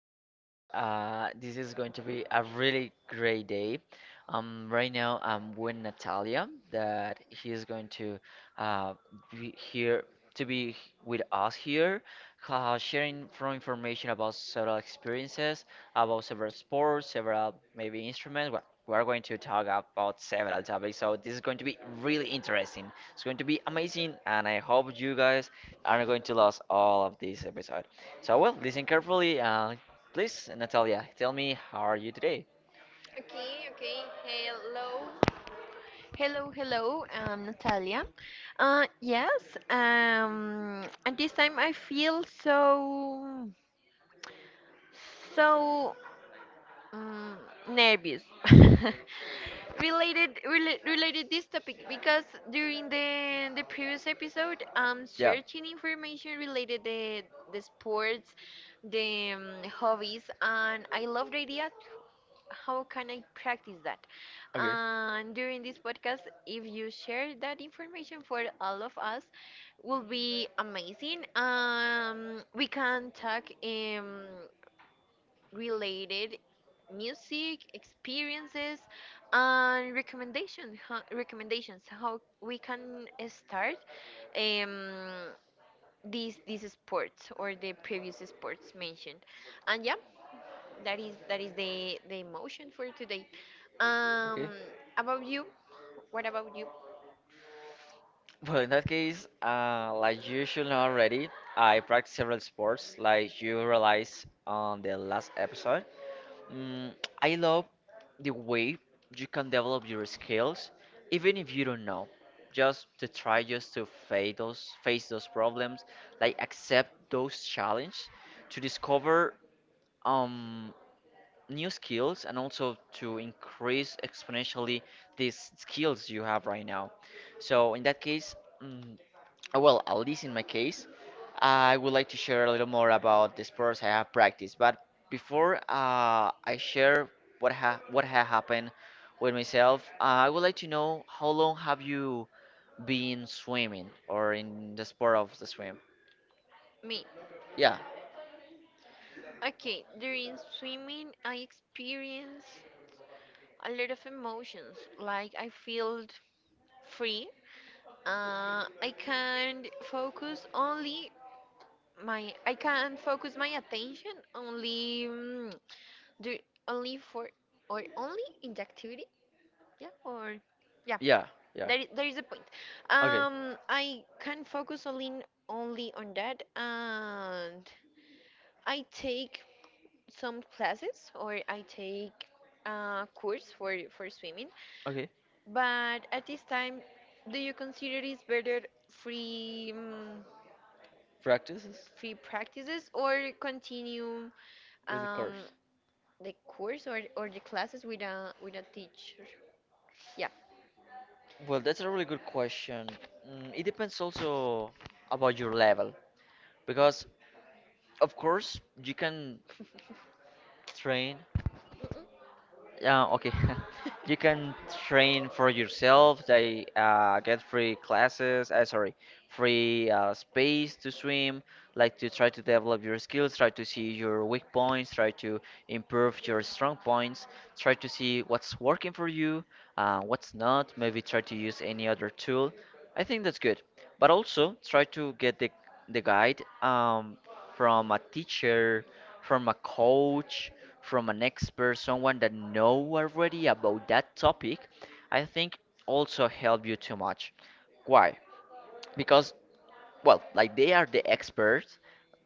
episode. This is going to be a really great day. Right now I'm with Natalia, that she is going to uh, be here to be with us here, sharing from information about several experiences, about several sports, several maybe instruments. Well, we are going to talk about several topics, so this is going to be really interesting. It's going to be amazing, and I hope you guys are going to lose all of this episode. So, well, listen carefully. Please, Natalia, tell me how are you today? Okay, okay. Hello. Hello, hello. I'm Natalia. Yes. At this time I feel so um, nervous. Related this topic because during the previous episode, I'm Yeah. searching information related the sports, the hobbies, and I love the idea. How can I practice that? Okay. And during this podcast, if you share that information for all of us, will be amazing. We can talk related music experiences, and recommendations how we can start um these sports, or the previous sports mentioned. And yeah, that is the emotion for today. um Okay. about you What about you? Well, in that case, like you should know already, I practice several sports, like you realized on the last episode. Mm, I love the way you can develop your skills, even if you don't know. Just to try just to face those problems, like accept those challenges, to discover um new skills and also to increase exponentially these skills you have right now. So in that case, mm, well, at least in my case, I would like to share a little more about the sports I have practiced. But before I share what ha happened with myself, I would like to know how long have you been swimming or in the sport of the swim? Me? Yeah, Okay, during swimming I experienced a lot of emotions, like I feel free. I can focus only my I can focus my attention only. Only for or only in the activity. Yeah. Or yeah. yeah, yeah. There, there is a point. Okay, I can focus only on that, and I take some classes, or I take a course for swimming. okay. But at this time, do you consider it's better, free um, Practices free practices, or continue with the um, course. the course, or the classes with a teacher? Yeah. Well, that's a really good question. Mm, it depends also about your level because, of course, you can train. Mm-mm. Yeah, okay. You can train for yourself. They get free classes, sorry, free space to swim, like to try to develop your skills, try to see your weak points, try to improve your strong points, try to see what's working for you, what's not, maybe try to use any other tool. I think that's good. But also try to get the guide from a teacher, from a coach from an expert, someone that know already about that topic, I think also help you too much. Why? Because well, like they are the experts,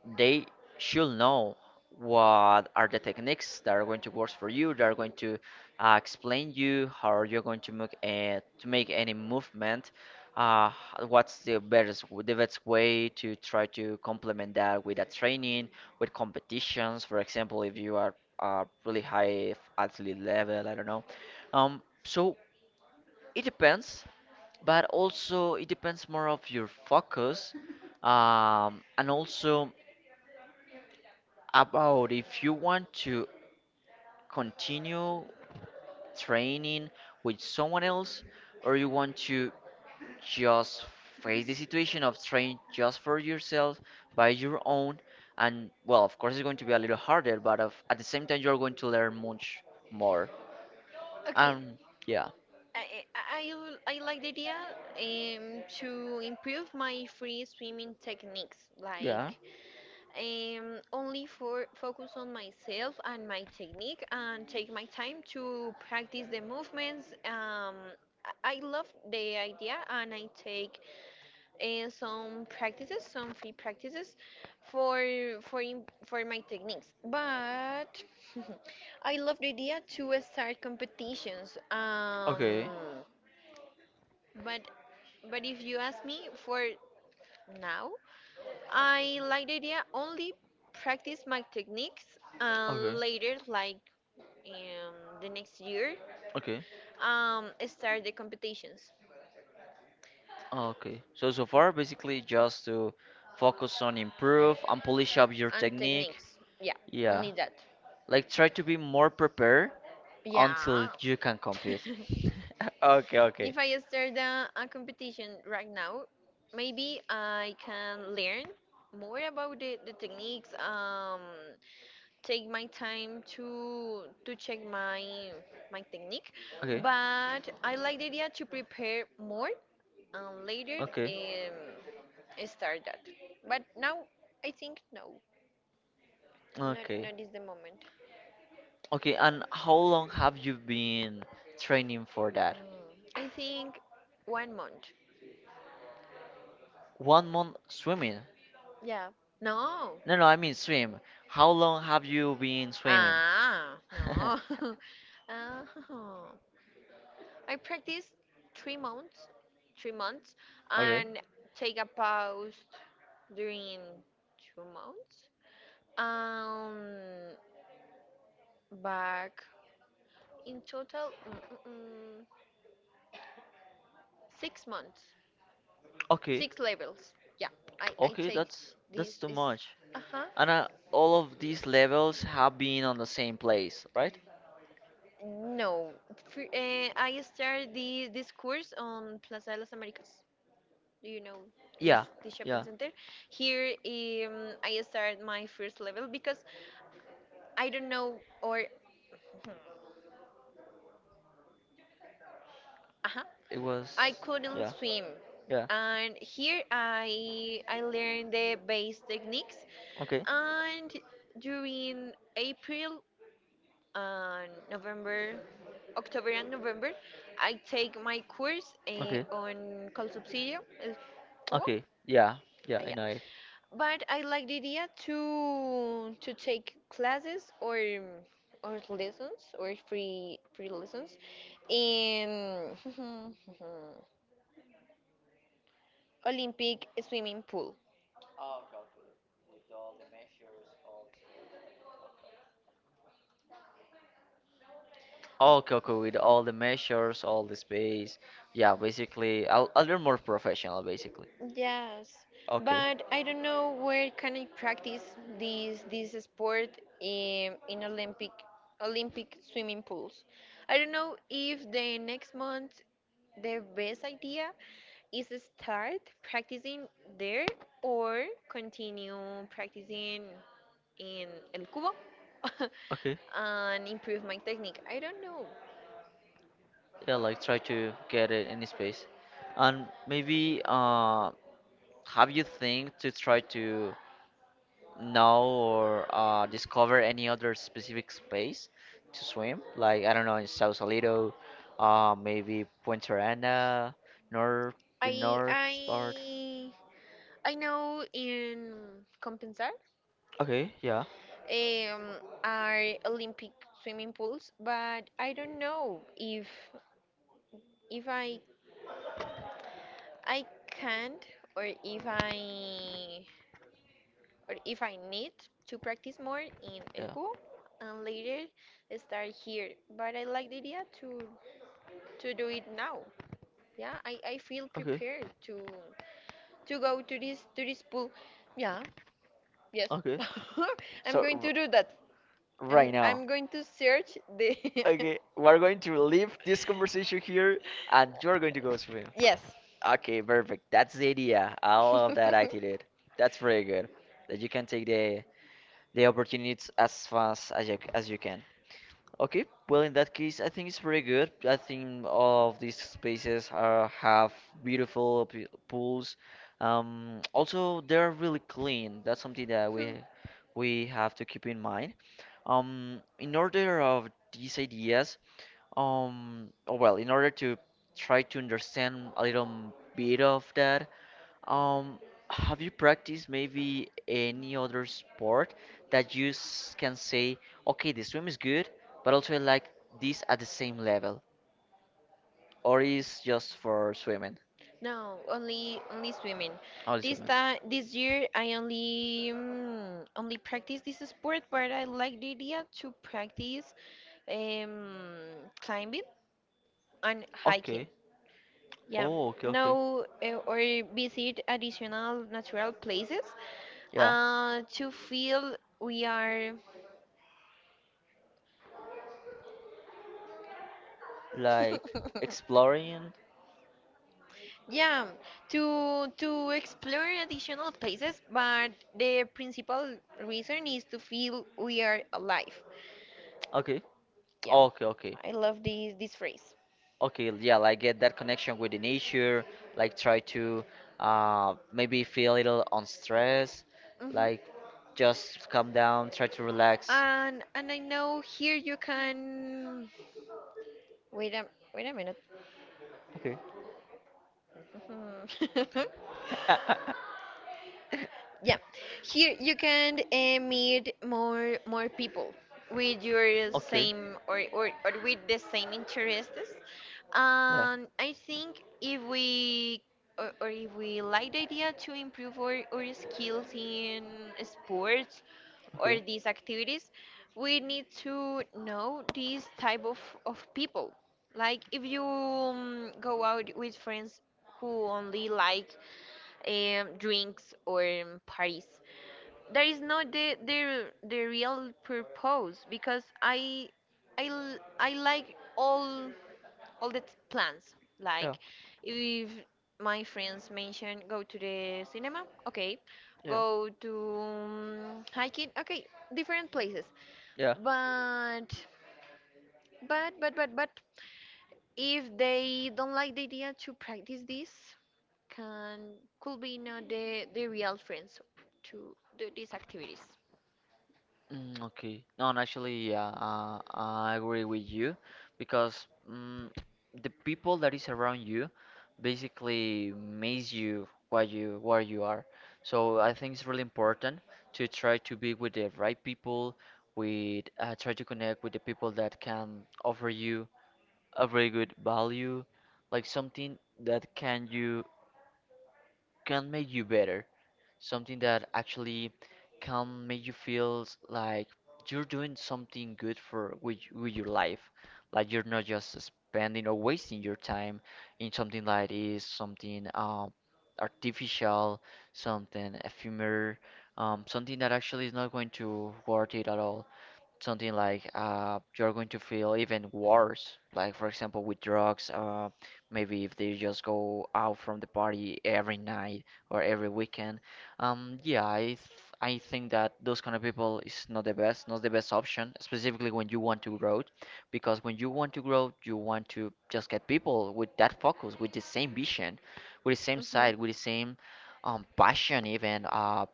they should know what are the techniques that are going to work for you that are going to explain you how you're going to make any movement, uh, what's the best way to try to complement that with a training with competitions, for example, if you are really high athlete level, I don't know. So it depends, but also it depends more of your focus, and also about if you want to continue training with someone else or you want to just face the situation of train just for yourself by your own. And well, of course it's going to be a little harder, but at the same time you're going to learn much more. Okay, um yeah, I I I I like the idea, to improve my free swimming techniques. yeah. Like, only for focus on myself and my technique, and take my time to practice the movements. I love the idea, and I take some free practices for for my techniques. But I love the idea to start competitions. Okay, but but if you ask me for now, I like the idea only practice my techniques and okay, later, like, the next year, okay, start the competitions. okay, so so far basically just to focus on improve and polish up your And technique. techniques. Yeah, Yeah, only that. like try to be more prepared until Yeah. you can compete. Okay, okay, If I start a competition right now, maybe I can learn more about the techniques. Take my time to check my technique, okay, but I like the idea to prepare more and later, okay, start that. But now I think no, not okay, not is the moment. okay. And how long have you been training for that? I think 1 month. 1 month swimming? Yeah. No. No, no, I mean swim. How long have you been swimming? Ah, no. Oh. I practice three months, three months, Okay, and take a pause during 2 months. Um, back in total, 6 months, okay, six levels. Yeah, I okay. take That's this. too much. Uh huh. And all of these levels have been on the same place, right? No, I started this course on Plaza de las Américas. Do you know this Yeah, this shopping yeah. center? Here, I started my first level, because I don't know, or. Uh-huh. It was. I couldn't Yeah, swim. yeah. And here I learned the base techniques, Okay, and during April and November, October and November, I take my course, okay, on Col Subsidio, El Cubo. Okay. Yeah, yeah. I Yeah. know it. But I like the idea to take classes, or lessons, or free lessons in Olympic swimming pool. All Coco with all the measures, all the space. Yeah, basically, I'll learn more professional, basically. Yes, Okay. but I don't know where can I practice this sport, in Olympic swimming pools. I don't know if the next month the best idea is to start practicing there, or continue practicing in El Cubo Okay. and improve my technique. I don't know. Yeah, like try to get it in space. And maybe have you think to try to know or discover any other specific space to swim? Like, I don't know, in Sausalito, maybe Punta Arena, north, the I north part. I I know in Compensar Okay. Yeah. um, are Olympic swimming pools, but I don't know if if I I can't, or if I or if I need to practice more in El Yeah. Cubo, and later start here. But I like the idea to do it now. Yeah, I feel Okay. prepared to go to this pool. Yeah, yes. Okay. I'm So, going to do that. I'm right now. I'm going to search the. Okay, we're going to leave this conversation here and you're going to go swim. Yes. Okay, perfect. That's the idea. I love that I did it. That's very good. That you can take the opportunities as fast as you can. Okay, well in that case, I think it's very good. I think all of these spaces are have beautiful pools. Also they're really clean. That's something that we Hmm. we have to keep in mind. In order of these ideas, oh, well, in order to try to understand a little bit of that, um, have you practiced maybe any other sport that you can say, okay, the swim is good, but also I like this at the same level, or is just for swimming? No, only swimming. Only This swimming. time, this year, I only only practice this sport, but I like the idea to practice, um, climbing and hiking. Okay. Yeah, Oh, okay, okay. no, or visit additional natural places, Yeah, to feel we are. like exploring. Yeah, to explore additional places, but the principal reason is to feel we are alive. Okay. Yeah, Okay, okay. I love this phrase. Okay, yeah, like get that connection with the nature, like try to maybe feel a little on stress, like Hmm. just calm down, try to relax. And I know, here you can wait a wait a minute. Okay. Mhm. Yeah, here you can meet more people with your Okay. same, or with the same interests. Yeah. And I think, if we, like the idea to improve our skills in sports or Okay. these activities, we need to know these type of people. Like, if you go out with friends who only like drinks, or parties, that is not the real purpose, because I like all plans. Yeah. Like, if my friends mention go to the cinema, okay, Yeah. go to hiking, okay, different places. Yeah. But, but but but but if they don't like the idea to practice this, can could be not the real friends to do these activities. Mm, okay. No, and actually, yeah, I agree with you because mm the people that is around you basically makes you what you where you are. So I think it's really important to try to be with the right people, with try to connect with the people that can offer you a very good value, like something that can you can make you better. Something that actually can make you feel like you're doing something good with your life. Like you're not just spending or wasting your time in something like is something artificial, something ephemeral, something that actually is not going to worth it at all, something like you're going to feel even worse. Like for example, with drugs, maybe if they just go out from the party every night or every weekend. Yeah, I think that those kind of people is not the best, not the best option, specifically when you want to grow, because when you want to grow, you want to just get people with that focus, with the same vision, with the same side, with the same passion, even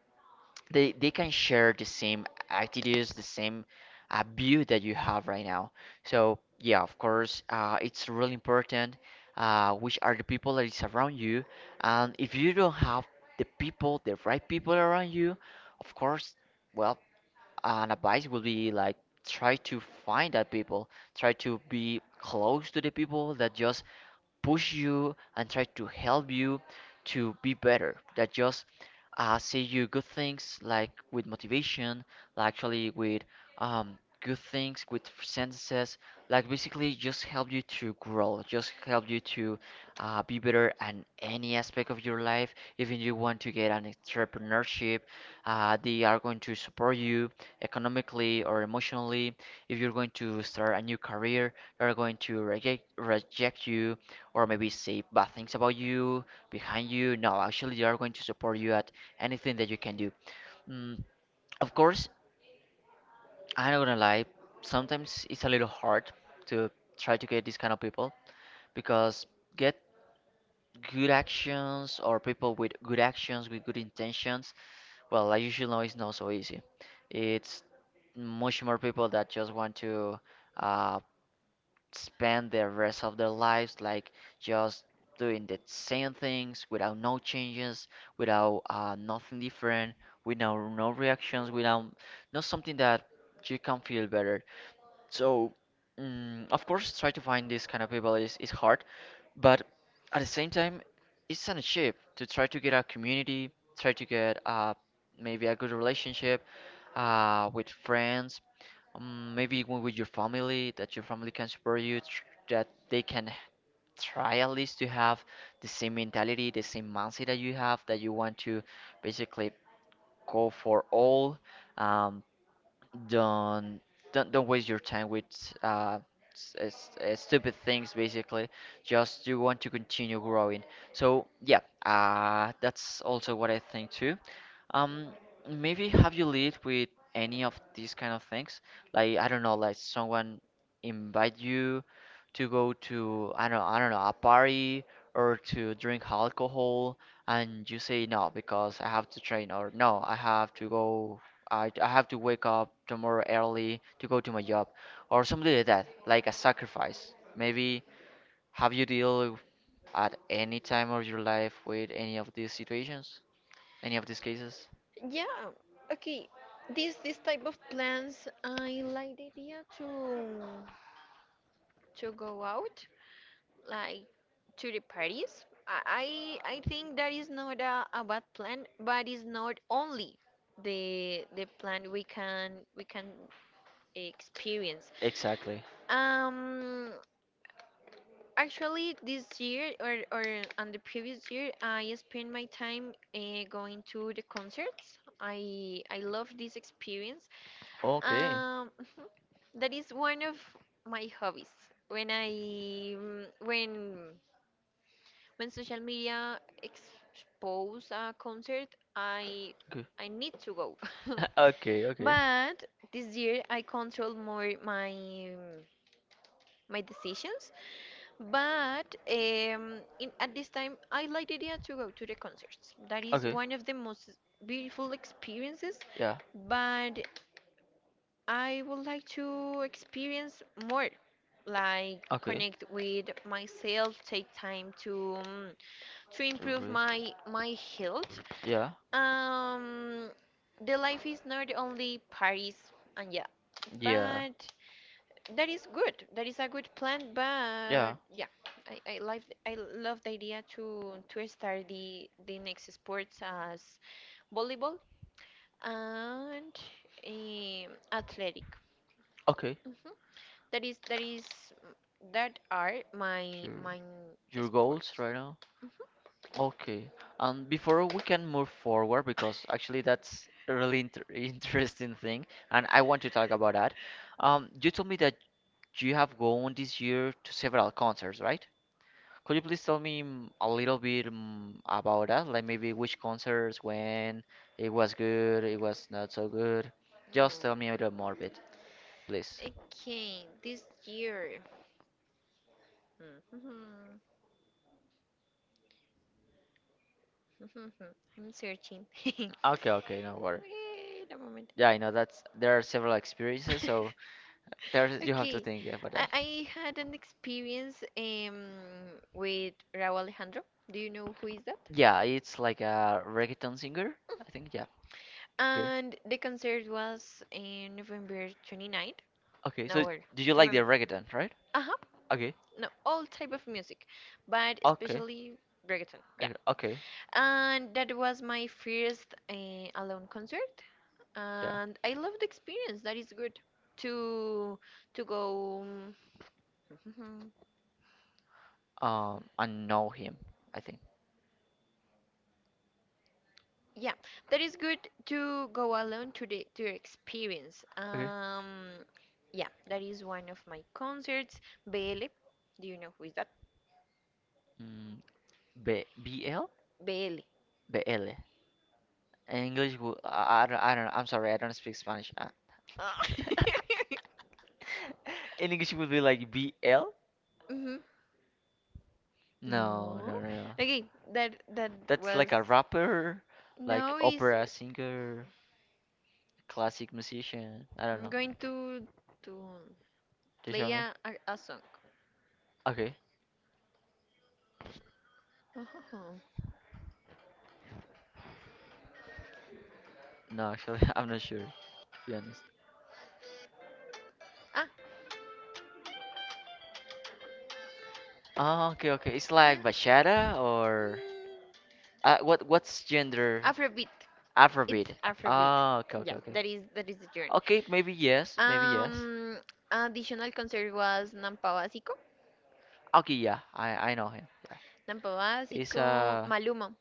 they can share the same attitudes, the same view that you have right now. So yeah, of course, it's really important which are the people that is around you, and if you don't have the people, the right people around you, of course, well, an advice would be like try to find that people, try to be close to the people that just push you and try to help you to be better, that just say you good things like with motivation, like actually with good things with sentences, like basically just help you to grow, just help you to be better in any aspect of your life, even you want to get an entrepreneurship, they are going to support you economically or emotionally. If you're going to start a new career, are going to reject you or maybe say bad things about you behind you. No, actually they are going to support you at anything that you can do. Mm, of course, I'm not gonna lie, sometimes it's a little hard to try to get these kind of people, because get good actions or people with good actions with good intentions, well, I usually know it's not so easy. It's much more people that just want to uh, spend the rest of their lives like just doing the same things without no changes, without nothing different, without no reactions, without not something that you can feel better. So, mm, of course, try to find these kind of people is hard, but at the same time, it's an achieve to try to get a community, try to get maybe a good relationship with friends, maybe when with your family, that your family can support you, that they can try at least to have the same mentality, the same mindset that you have, that you want to basically go for all. Um, don't don't waste your time with uh, stupid things. Basically, just you want to continue growing. So yeah, that's also what I think too. Um, maybe have you lived with any of these kind of things? Like I don't know, like someone invite you to go to I don't know a party or to drink alcohol, and you say no because I have to train, or no I have to go, I have to wake up tomorrow early to go to my job or something like that, like a sacrifice. Maybe have you deal at any time of your life with any of these situations, any of these cases? Yeah, okay. This type of plans, I like the idea to go out, like to the parties. I think that is not a bad plan, but it's not only the plan we can experience. Exactly. Um, actually, this year, or on the previous year, I spent my time, going to the concerts. I love this experience. Okay. Um, that is one of my hobbies. When I mm, when social media expose a concert, I Okay. I need to go. Okay, okay. But this year I control more my decisions. But, at this time, I like the idea to go to the concerts. That is Okay. one of the most beautiful experiences. Yeah. But I would like to experience more, like, Okay. connect with myself, take time to To improve breathe. my health. Yeah. Um, the life is not only parties and, yeah, Yeah. but that is good. That is a good plan. Yeah. But yeah, I I like I love the idea to start the next sports, as volleyball and, athletic. Okay. Mm-hmm. That is that is that are my Your my your goals sports. right now. Mhm. Okay. And before we can move forward, because actually that's a really inter interesting thing, and I want to talk about that. You told me that you have gone this year to several concerts, right? Could you please tell me a little bit about that? Like maybe which concerts, when, it was good, it was not so good. Just tell me a little more bit, please. Okay, this year. Mhm. I'm searching. Okay, okay, no worry. Wait a moment. Yeah, I know that's there are several experiences, so there's you have to Okay, think about I, that. I had an experience with Raúl Alejandro. Do you know who is that? Yeah, it's like a reggaeton singer, I think. Yeah. Okay. And the concert was in November twenty ninth. Okay, No, so or do you like the remember. reggaeton, right? Uh-huh. Okay. No, all type of music, but Okay. especially reggaeton. Yeah. Okay. And that was my first alone concert, Yeah. and I loved the experience. That is good to to go. um, I know him, I think. yeah, that is good to go alone to experience. Okay. Yeah, that is one of my concerts. BL. Do you know who is that? Mm, B BL? BL. BL. In English, I don't, I don't know. I'm sorry, I don't speak Spanish. In English, it would be like BL? Hmm. No, No. no, no, no. Okay, that That's was. like a rapper, like Now is. opera singer, classic musician. I don't I'm know. going to Do you show play me? a song. Okay. Oh. No, actually, I'm not sure, to be honest. Ah, Oh, okay, okay. It's like yeah. bachata or Mm, what? What's gender? Afrobeat. Afrobeat. It's Afrobeat. Oh, okay, okay, Yeah, okay. that is the genre. Okay, maybe yes, maybe yes. Um, additional concert was Nampa Básico. Okay, yeah, I know him. Yeah, Nampa it's Básico, Maluma.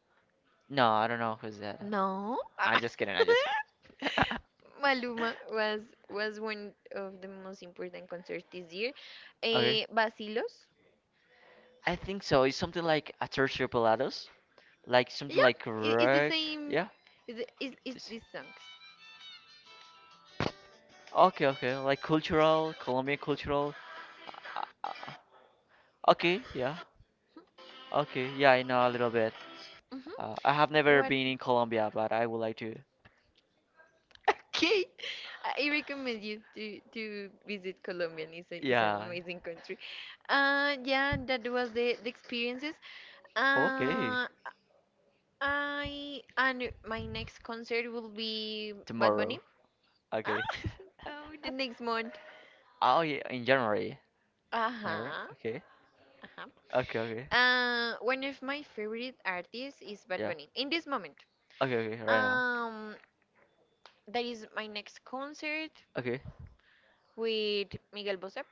no, I don't know who's that. No. I'm Ah. just kidding. I'm just kidding. Maluma was one of the most important concerts this year. okay, Basilos. I think so. It's something like a tertio pelados, like something Yeah, like it's the rock. same. Yeah. It's This. these songs. Okay, okay, like cultural, Colombian cultural. Uh, uh, okay, yeah. Okay, yeah, I know a little bit. I have Mm-hmm. never What? been in Colombia, but I would like to. Okay, I recommend you to visit Colombia. And it's an Yeah. amazing country. Yeah, that was the experiences. Okay. Uh, I and my next concert will be Bad Bunny. Tomorrow. Ah. Okay. Oh, the next month. Oh yeah, in January. Alright. Uh-huh, Okay. uh-huh. Okay. Okay. One of my favorite artists is Bad Yeah. Bunny. In this moment. Okay. Okay. Right now. Um, That is my next concert, Okay. with Miguel Bosé.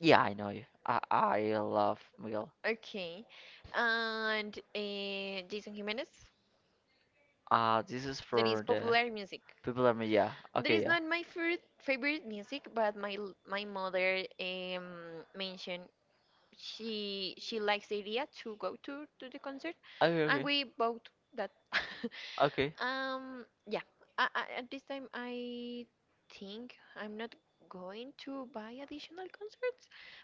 Yeah, I know you. I love Miguel. Okay. And Jason Jimenez. This is That is for the popular music. people that me. Yeah. That Okay. is Yeah. not my favorite favorite music, but my mother mentioned she likes the idea to go to the concert, and Okay. we bought that. Okay. Okay. Yeah. At this time, I think I'm not going to buy additional concerts,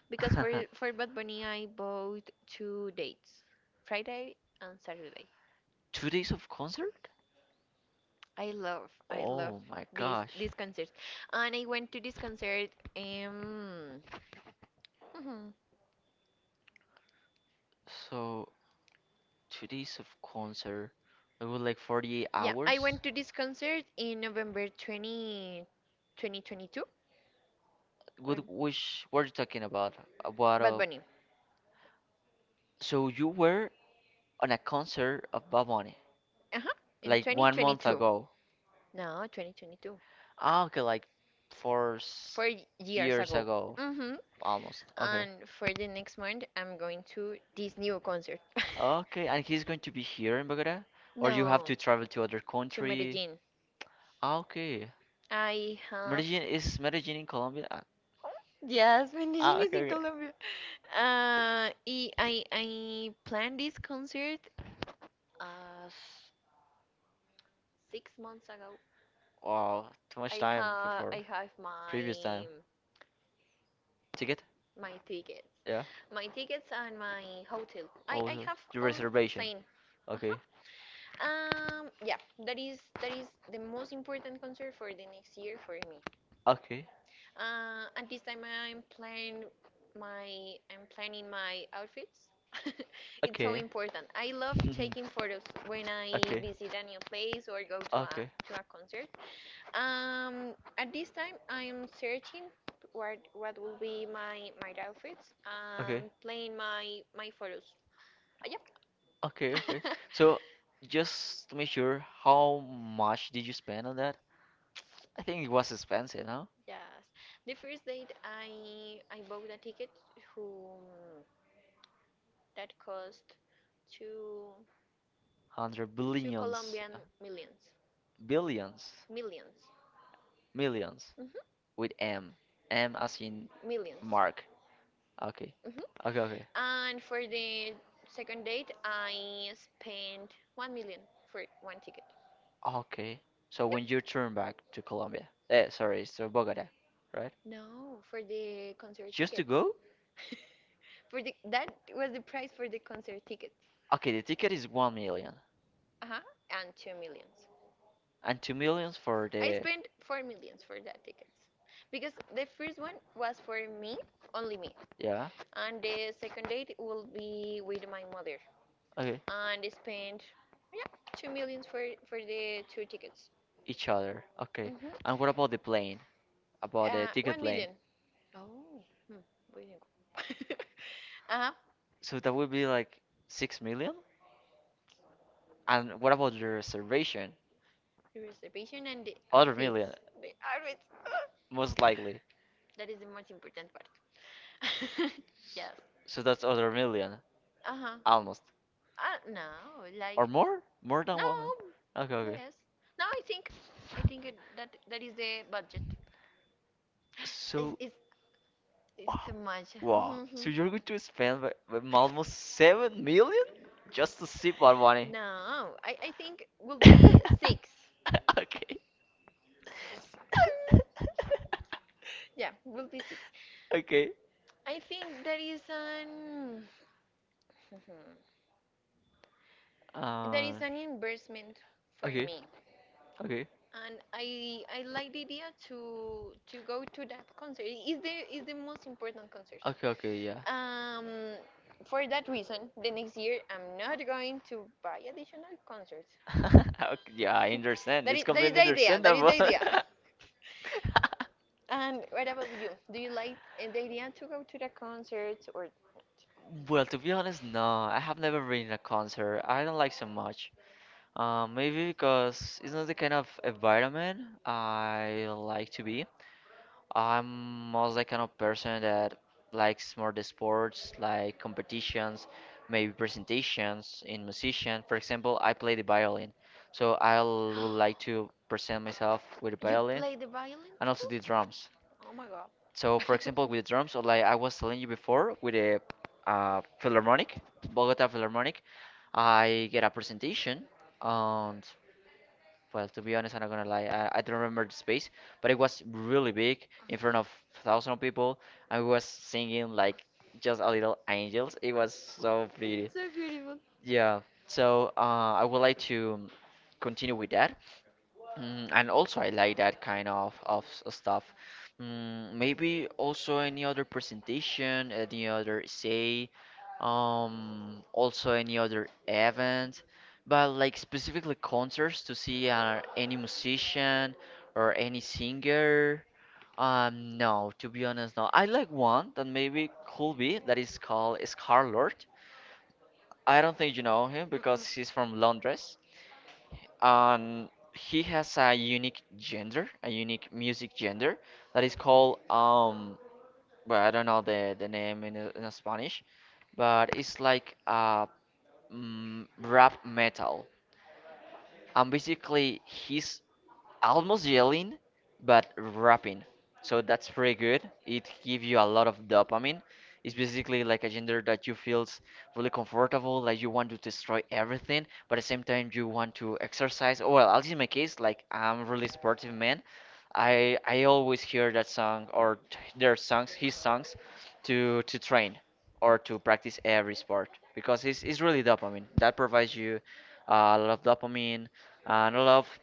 because for Bad Bunny, I bought two dates, Friday and Saturday. Two days of concert? I love Oh my these gosh. these concerts, and I went to this concert. Um, mhm. So two days of concert. It was like 48 Yeah, I hours. went to this concert in November twenty twenty twenty two, What 2022. which what are you talking about? About Bad Bunny. so you were on a concert of Bad Bunny Uh huh. In like one month 2022. ago. No, 2022. Ah, okay, like four s- 4 years years ago. ago hmm almost. Okay. And for the next month, I'm going to this new concert. Okay, and he's going to be here in Bogota? Or you have No, to travel to other to country? Medellin. Ah, okay. I have. Medellin is Medellin in Colombia? Ah, Yes, Medellin ah, is okay, in okay. Colombia. I planned this concert, uh, 6 months ago. Wow, too much I time have before I have previous my time. Ticket? my tickets, Yeah. And my hotel. I Oh, have your all reservation. plane. Okay. Yeah, that is the most important concert for the next year for me. Okay. At this time, I'm planning my outfits. It's so Okay. important. I love taking photos when I Okay. visit a new place, or go to a Okay. to a concert. At this time I am searching what will be my outfits, Okay. and planning my photos. Uh, Okay, okay. yeah. So just to make sure, how much did you spend on that? I think it was expensive, huh? Yes, the first date I bought a ticket, who that cost two Hundred two billions, Colombian millions billions, millions. millions Mm-hmm. with M, M as in Mark. Okay, Mm-hmm. okay, okay, And for the second date I spent 1 million for one ticket. okay. So when Yeah. you turn back to Colombia, eh, sorry, so Bogota, right? No, for the concert Just to tickets. go? for the that was the price for the concert tickets. Okay, the ticket is 1 million. Uh huh. And two millions. And two millions for I the spent four millions for that tickets, because the first one was for me, only me, yeah, and the second date will be with my mother, okay, and I spent, yeah, two millions for the two tickets. each other. Okay. Hmm. And what about the plane? About the ticket one plane? million. Oh, hmm. Where did it go? uh-huh. So that would be like 6 million? And what about the reservation? The reservation and the Other million, outfits. The outfits. most likely. That is the most important part. yes. So that's other million, Uh huh. almost. No, like. Or more? More than No, 1 million? Okay, okay. less. No, I think, that that is the budget. It's So, it's, it's too wow. much. Wow. So you're going to spend like almost 7 million Mhm. just to sip on money? No, I think will be six. Okay. Yeah, will be six. Okay. I think that is an, that is Uh, an investment for okay. me, Okay. and I like the idea to go to that concert. Is the most important concert. Okay. Okay. Yeah. Um, for that reason, the next year I'm not going to buy additional concerts. Okay, yeah, I understand. that It's is that is completely the idea. That is understandable. the idea. And what about you? Do you like the idea to go to the concerts, or? Well, to be honest, no. I have never been in a concert. I don't like so much. Maybe because it's not the kind of environment I like to be. I'm most the kind of person that likes more the sports, like competitions, maybe presentations in musician. For example, I play the violin, so I would like to present myself with the You violin play the violin and also too? the drums. Oh my God. So, for example, with the drums, or like I was telling you before, with the Philharmonic, Bogota Philharmonic, I get a presentation. And. Well, to be honest, I'm not gonna lie. I don't remember the space, but it was really big in front of thousands of people. I was singing like just a little angels. It was so pretty. It's so beautiful. Yeah. So I would like to continue with that. Mm, and also I like that kind of stuff. Mm, maybe also any other presentation, any other essay, also any other event, but like specifically concerts to see any musician or any singer. No, to be honest, no. I like one that maybe could be that is called Scarlord. I don't think you know him because he's from Mm-mm. Londres and he has a unique gender, a unique music gender that is called. Well, I don't know the name in Spanish, but it's like rap metal. And basically, his almost yelling but rapping, so that's pretty good. It gives you a lot of dopamine. It's basically like a gender that you feels really comfortable, like you want to destroy everything, but at the same time you want to exercise, or well, at least in my case, like I'm really sportive man. I always hear that song or t- their songs his songs to train or to practice every sport, because it's really dopamine that provides you a lot of dopamine and a lot of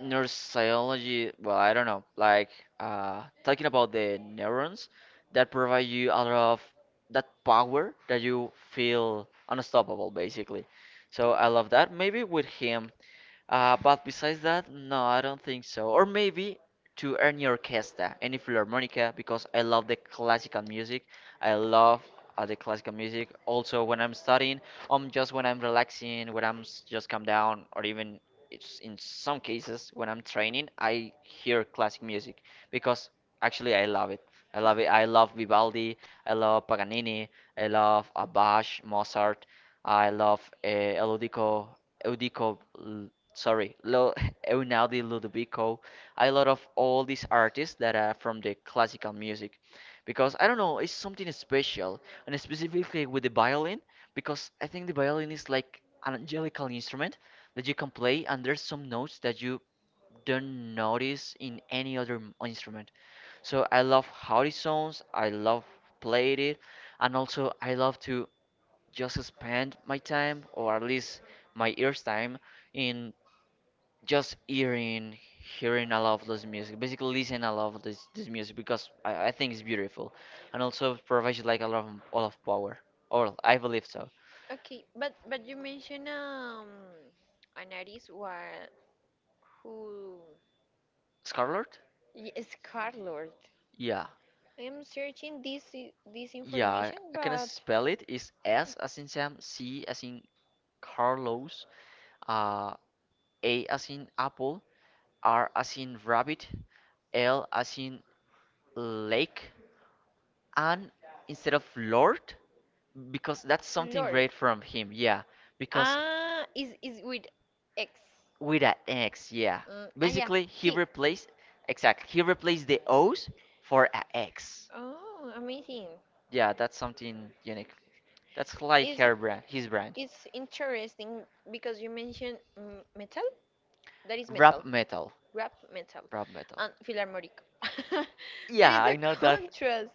Neurosciology, well, I don't know, like talking about the neurons that provide you a lot of that power, that you feel unstoppable, basically. So I love that. Maybe with him, but besides that, no, I don't think so. Or maybe to any orchestra, any philharmonica, because I love the classical music. I love the classical music. Also, when I'm studying, just when I'm relaxing, when just calm down, or even it's in some cases when I'm training, I hear classic music because actually I love it. I love it. I love Vivaldi. I love Paganini. I love Bach, Mozart. I love Eludico, Eudico sorry, Einaudi Ludovico. I love of all these artists that are from the classical music because I don't know, it's something special, and specifically with the violin because I think the violin is like an angelical instrument that you can play, and there's some notes that you don't notice in any other instrument. So I love how it sounds, I love played it, and also I love to just spend my time, or at least my ears time in just hearing a lot of this music, basically listen a lot of this music because I think it's beautiful, and also provides you like a lot of all of power, or I believe so. Okay, but you mentioned an artist, who. Scarlet, Yes, Scarlord. yeah. I am searching this Yeah, information, I can but. spell it. Is S as in Sam, C as in Carlos, uh A as in apple, R as in rabbit, L as in lake, and instead of Lord, because that's something Lord. great from him. Yeah, because Ah, is with X. with an X, yeah. Mm, ah, yeah. Basically, he He. replaced exactly he replaced the O's for a X. Oh, amazing. Yeah, that's something unique. That's like Is her brand, his brand. It's interesting, because you mentioned metal. That is Rap metal. metal, rap metal. And philharmonic. That Yeah, is I a know that. contrast,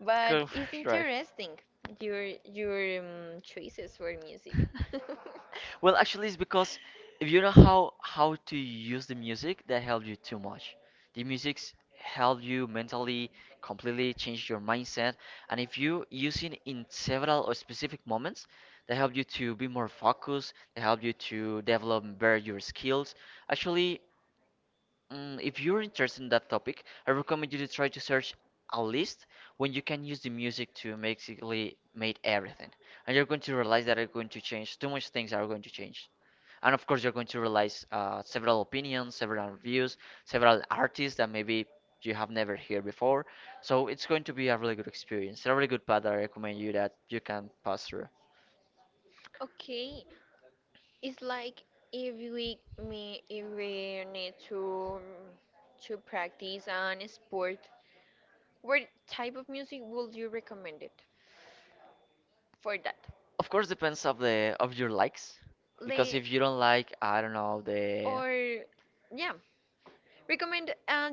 but it's right. interesting, your choices for music. Well, actually, it's because if you know how to use the music, that helps you too much. The music's help you mentally completely change your mindset, and if you use it in several or specific moments, they help you to be more focused. They help you to develop better your skills. Actually, Mm, if you're interested in that topic, I recommend you to try to search a list when you can use the music to basically make everything. And you're going to realize that are going to change. Too much things are going to change. And of course, you're going to realize several opinions, several reviews, several artists that maybe you have never heard before. So it's going to be a really good experience, a really good path that I recommend you that you can pass through. Okay, it's like, if we need to practice an sport, what type of music would you recommend it for that? Of course, depends of the of your likes, Le because if you don't like, I don't know, the Or yeah, recommend a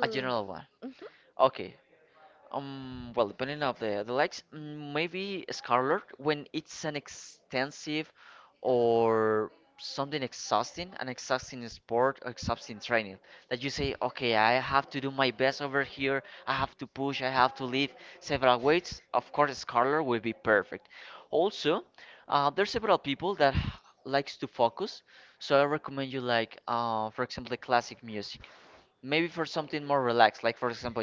A general one. general. Okay, well, depending of the likes, maybe Scarlet when it's an extensive or something exhausting, an exhausting sport or exhausting training that you say, okay, I have to do my best over here. I have to push. I have to lift several weights. Of course, Scarlet will be perfect. Also, there's several people likes to focus, so I recommend you like, for example, the classic music. Maybe for something more relaxed, like for example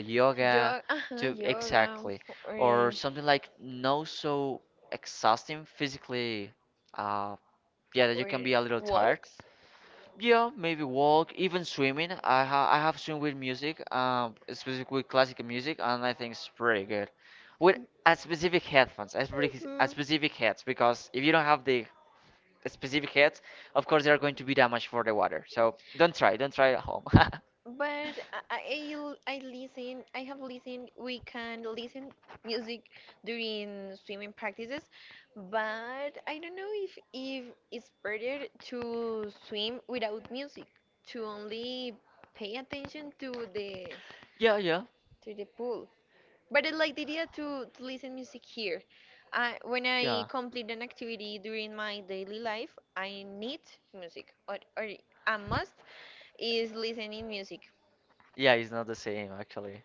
Yoga, yoga, ajá, to yoga, exactly or or something like no so exhausting physically uh yeah, that you or can be a little tired. walks. Yeah, maybe walk, even swimming. I have swim with music, specifically with classical music, and I think it's pretty good with a specific headphones, a Mhm. specific heads, because if you don't have the specific heads, of course they are going to be damaged for the water, so don't try at home. But I listen. I have listened. We can listen music during swimming practices, but I don't know if it's better to swim without music, to only pay attention to the yeah to the pool. But I like the idea to listen music here. When I yeah complete an activity during my daily life, I need music, or a must is listening music. Yeah, it's not the same actually.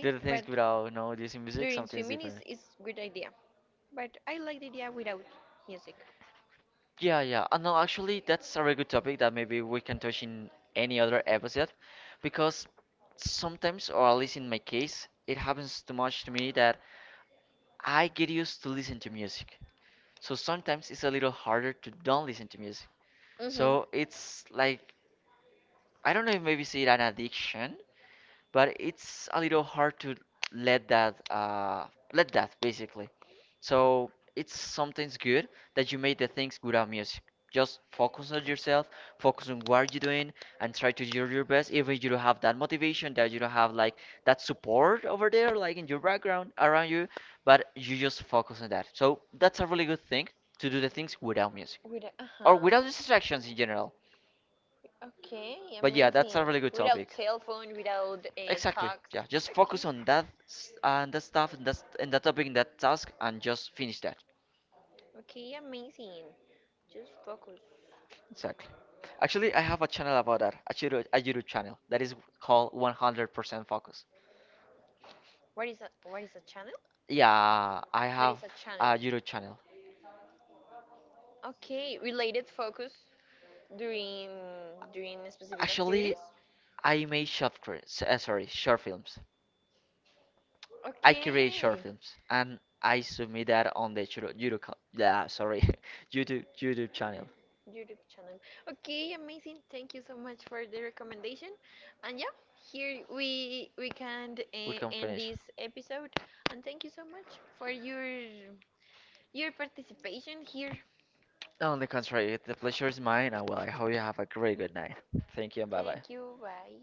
The other things but without no this in music, during something's swimming is different. Good idea. But I like the idea without music. Yeah, yeah. No, actually, that's a very good topic that maybe we can touch in any other episode, because sometimes, or at least in my case, it happens too much to me that I get used to listen to music. So sometimes it's a little harder to don't listen to music. Mhm. So it's like I don't know if maybe say it an addiction, but it's a little hard to let that uh let that basically. So it's sometimes good that you made the things without music, just focus on yourself, focus on what you're doing, and try to do your best, even you don't have that motivation, that you don't have like that support over there, like in your background around you, but you just focus on that. So that's a really good thing to do the things without music With or Uh-huh. without distractions in general, Okay, but yeah, that's amazing. a really good Without topic. cell phone, without Exactly. talks. Yeah, just Okay. focus on and that stuff and and that topic and that task, and just finish that. Okay, amazing. Just focus. Exactly. Actually, I have a channel about that. A YouTube channel that is called 100% Focus. What is a channel? Yeah, I That have is a channel. a YouTube channel. Okay, related focus during during specific Actually, activities. I make short films. Sorry, short films. I create short Okay. films and I submit that on the YouTube, yeah, sorry, YouTube channel. YouTube channel. Okay, amazing. Thank you so much for the recommendation. And yeah, here we can We can end finish. this episode. And thank you so much for your participation here. On the contrary, the pleasure is mine, and well, I hope you have a great good night. Thank you and bye bye. Thank you. Bye.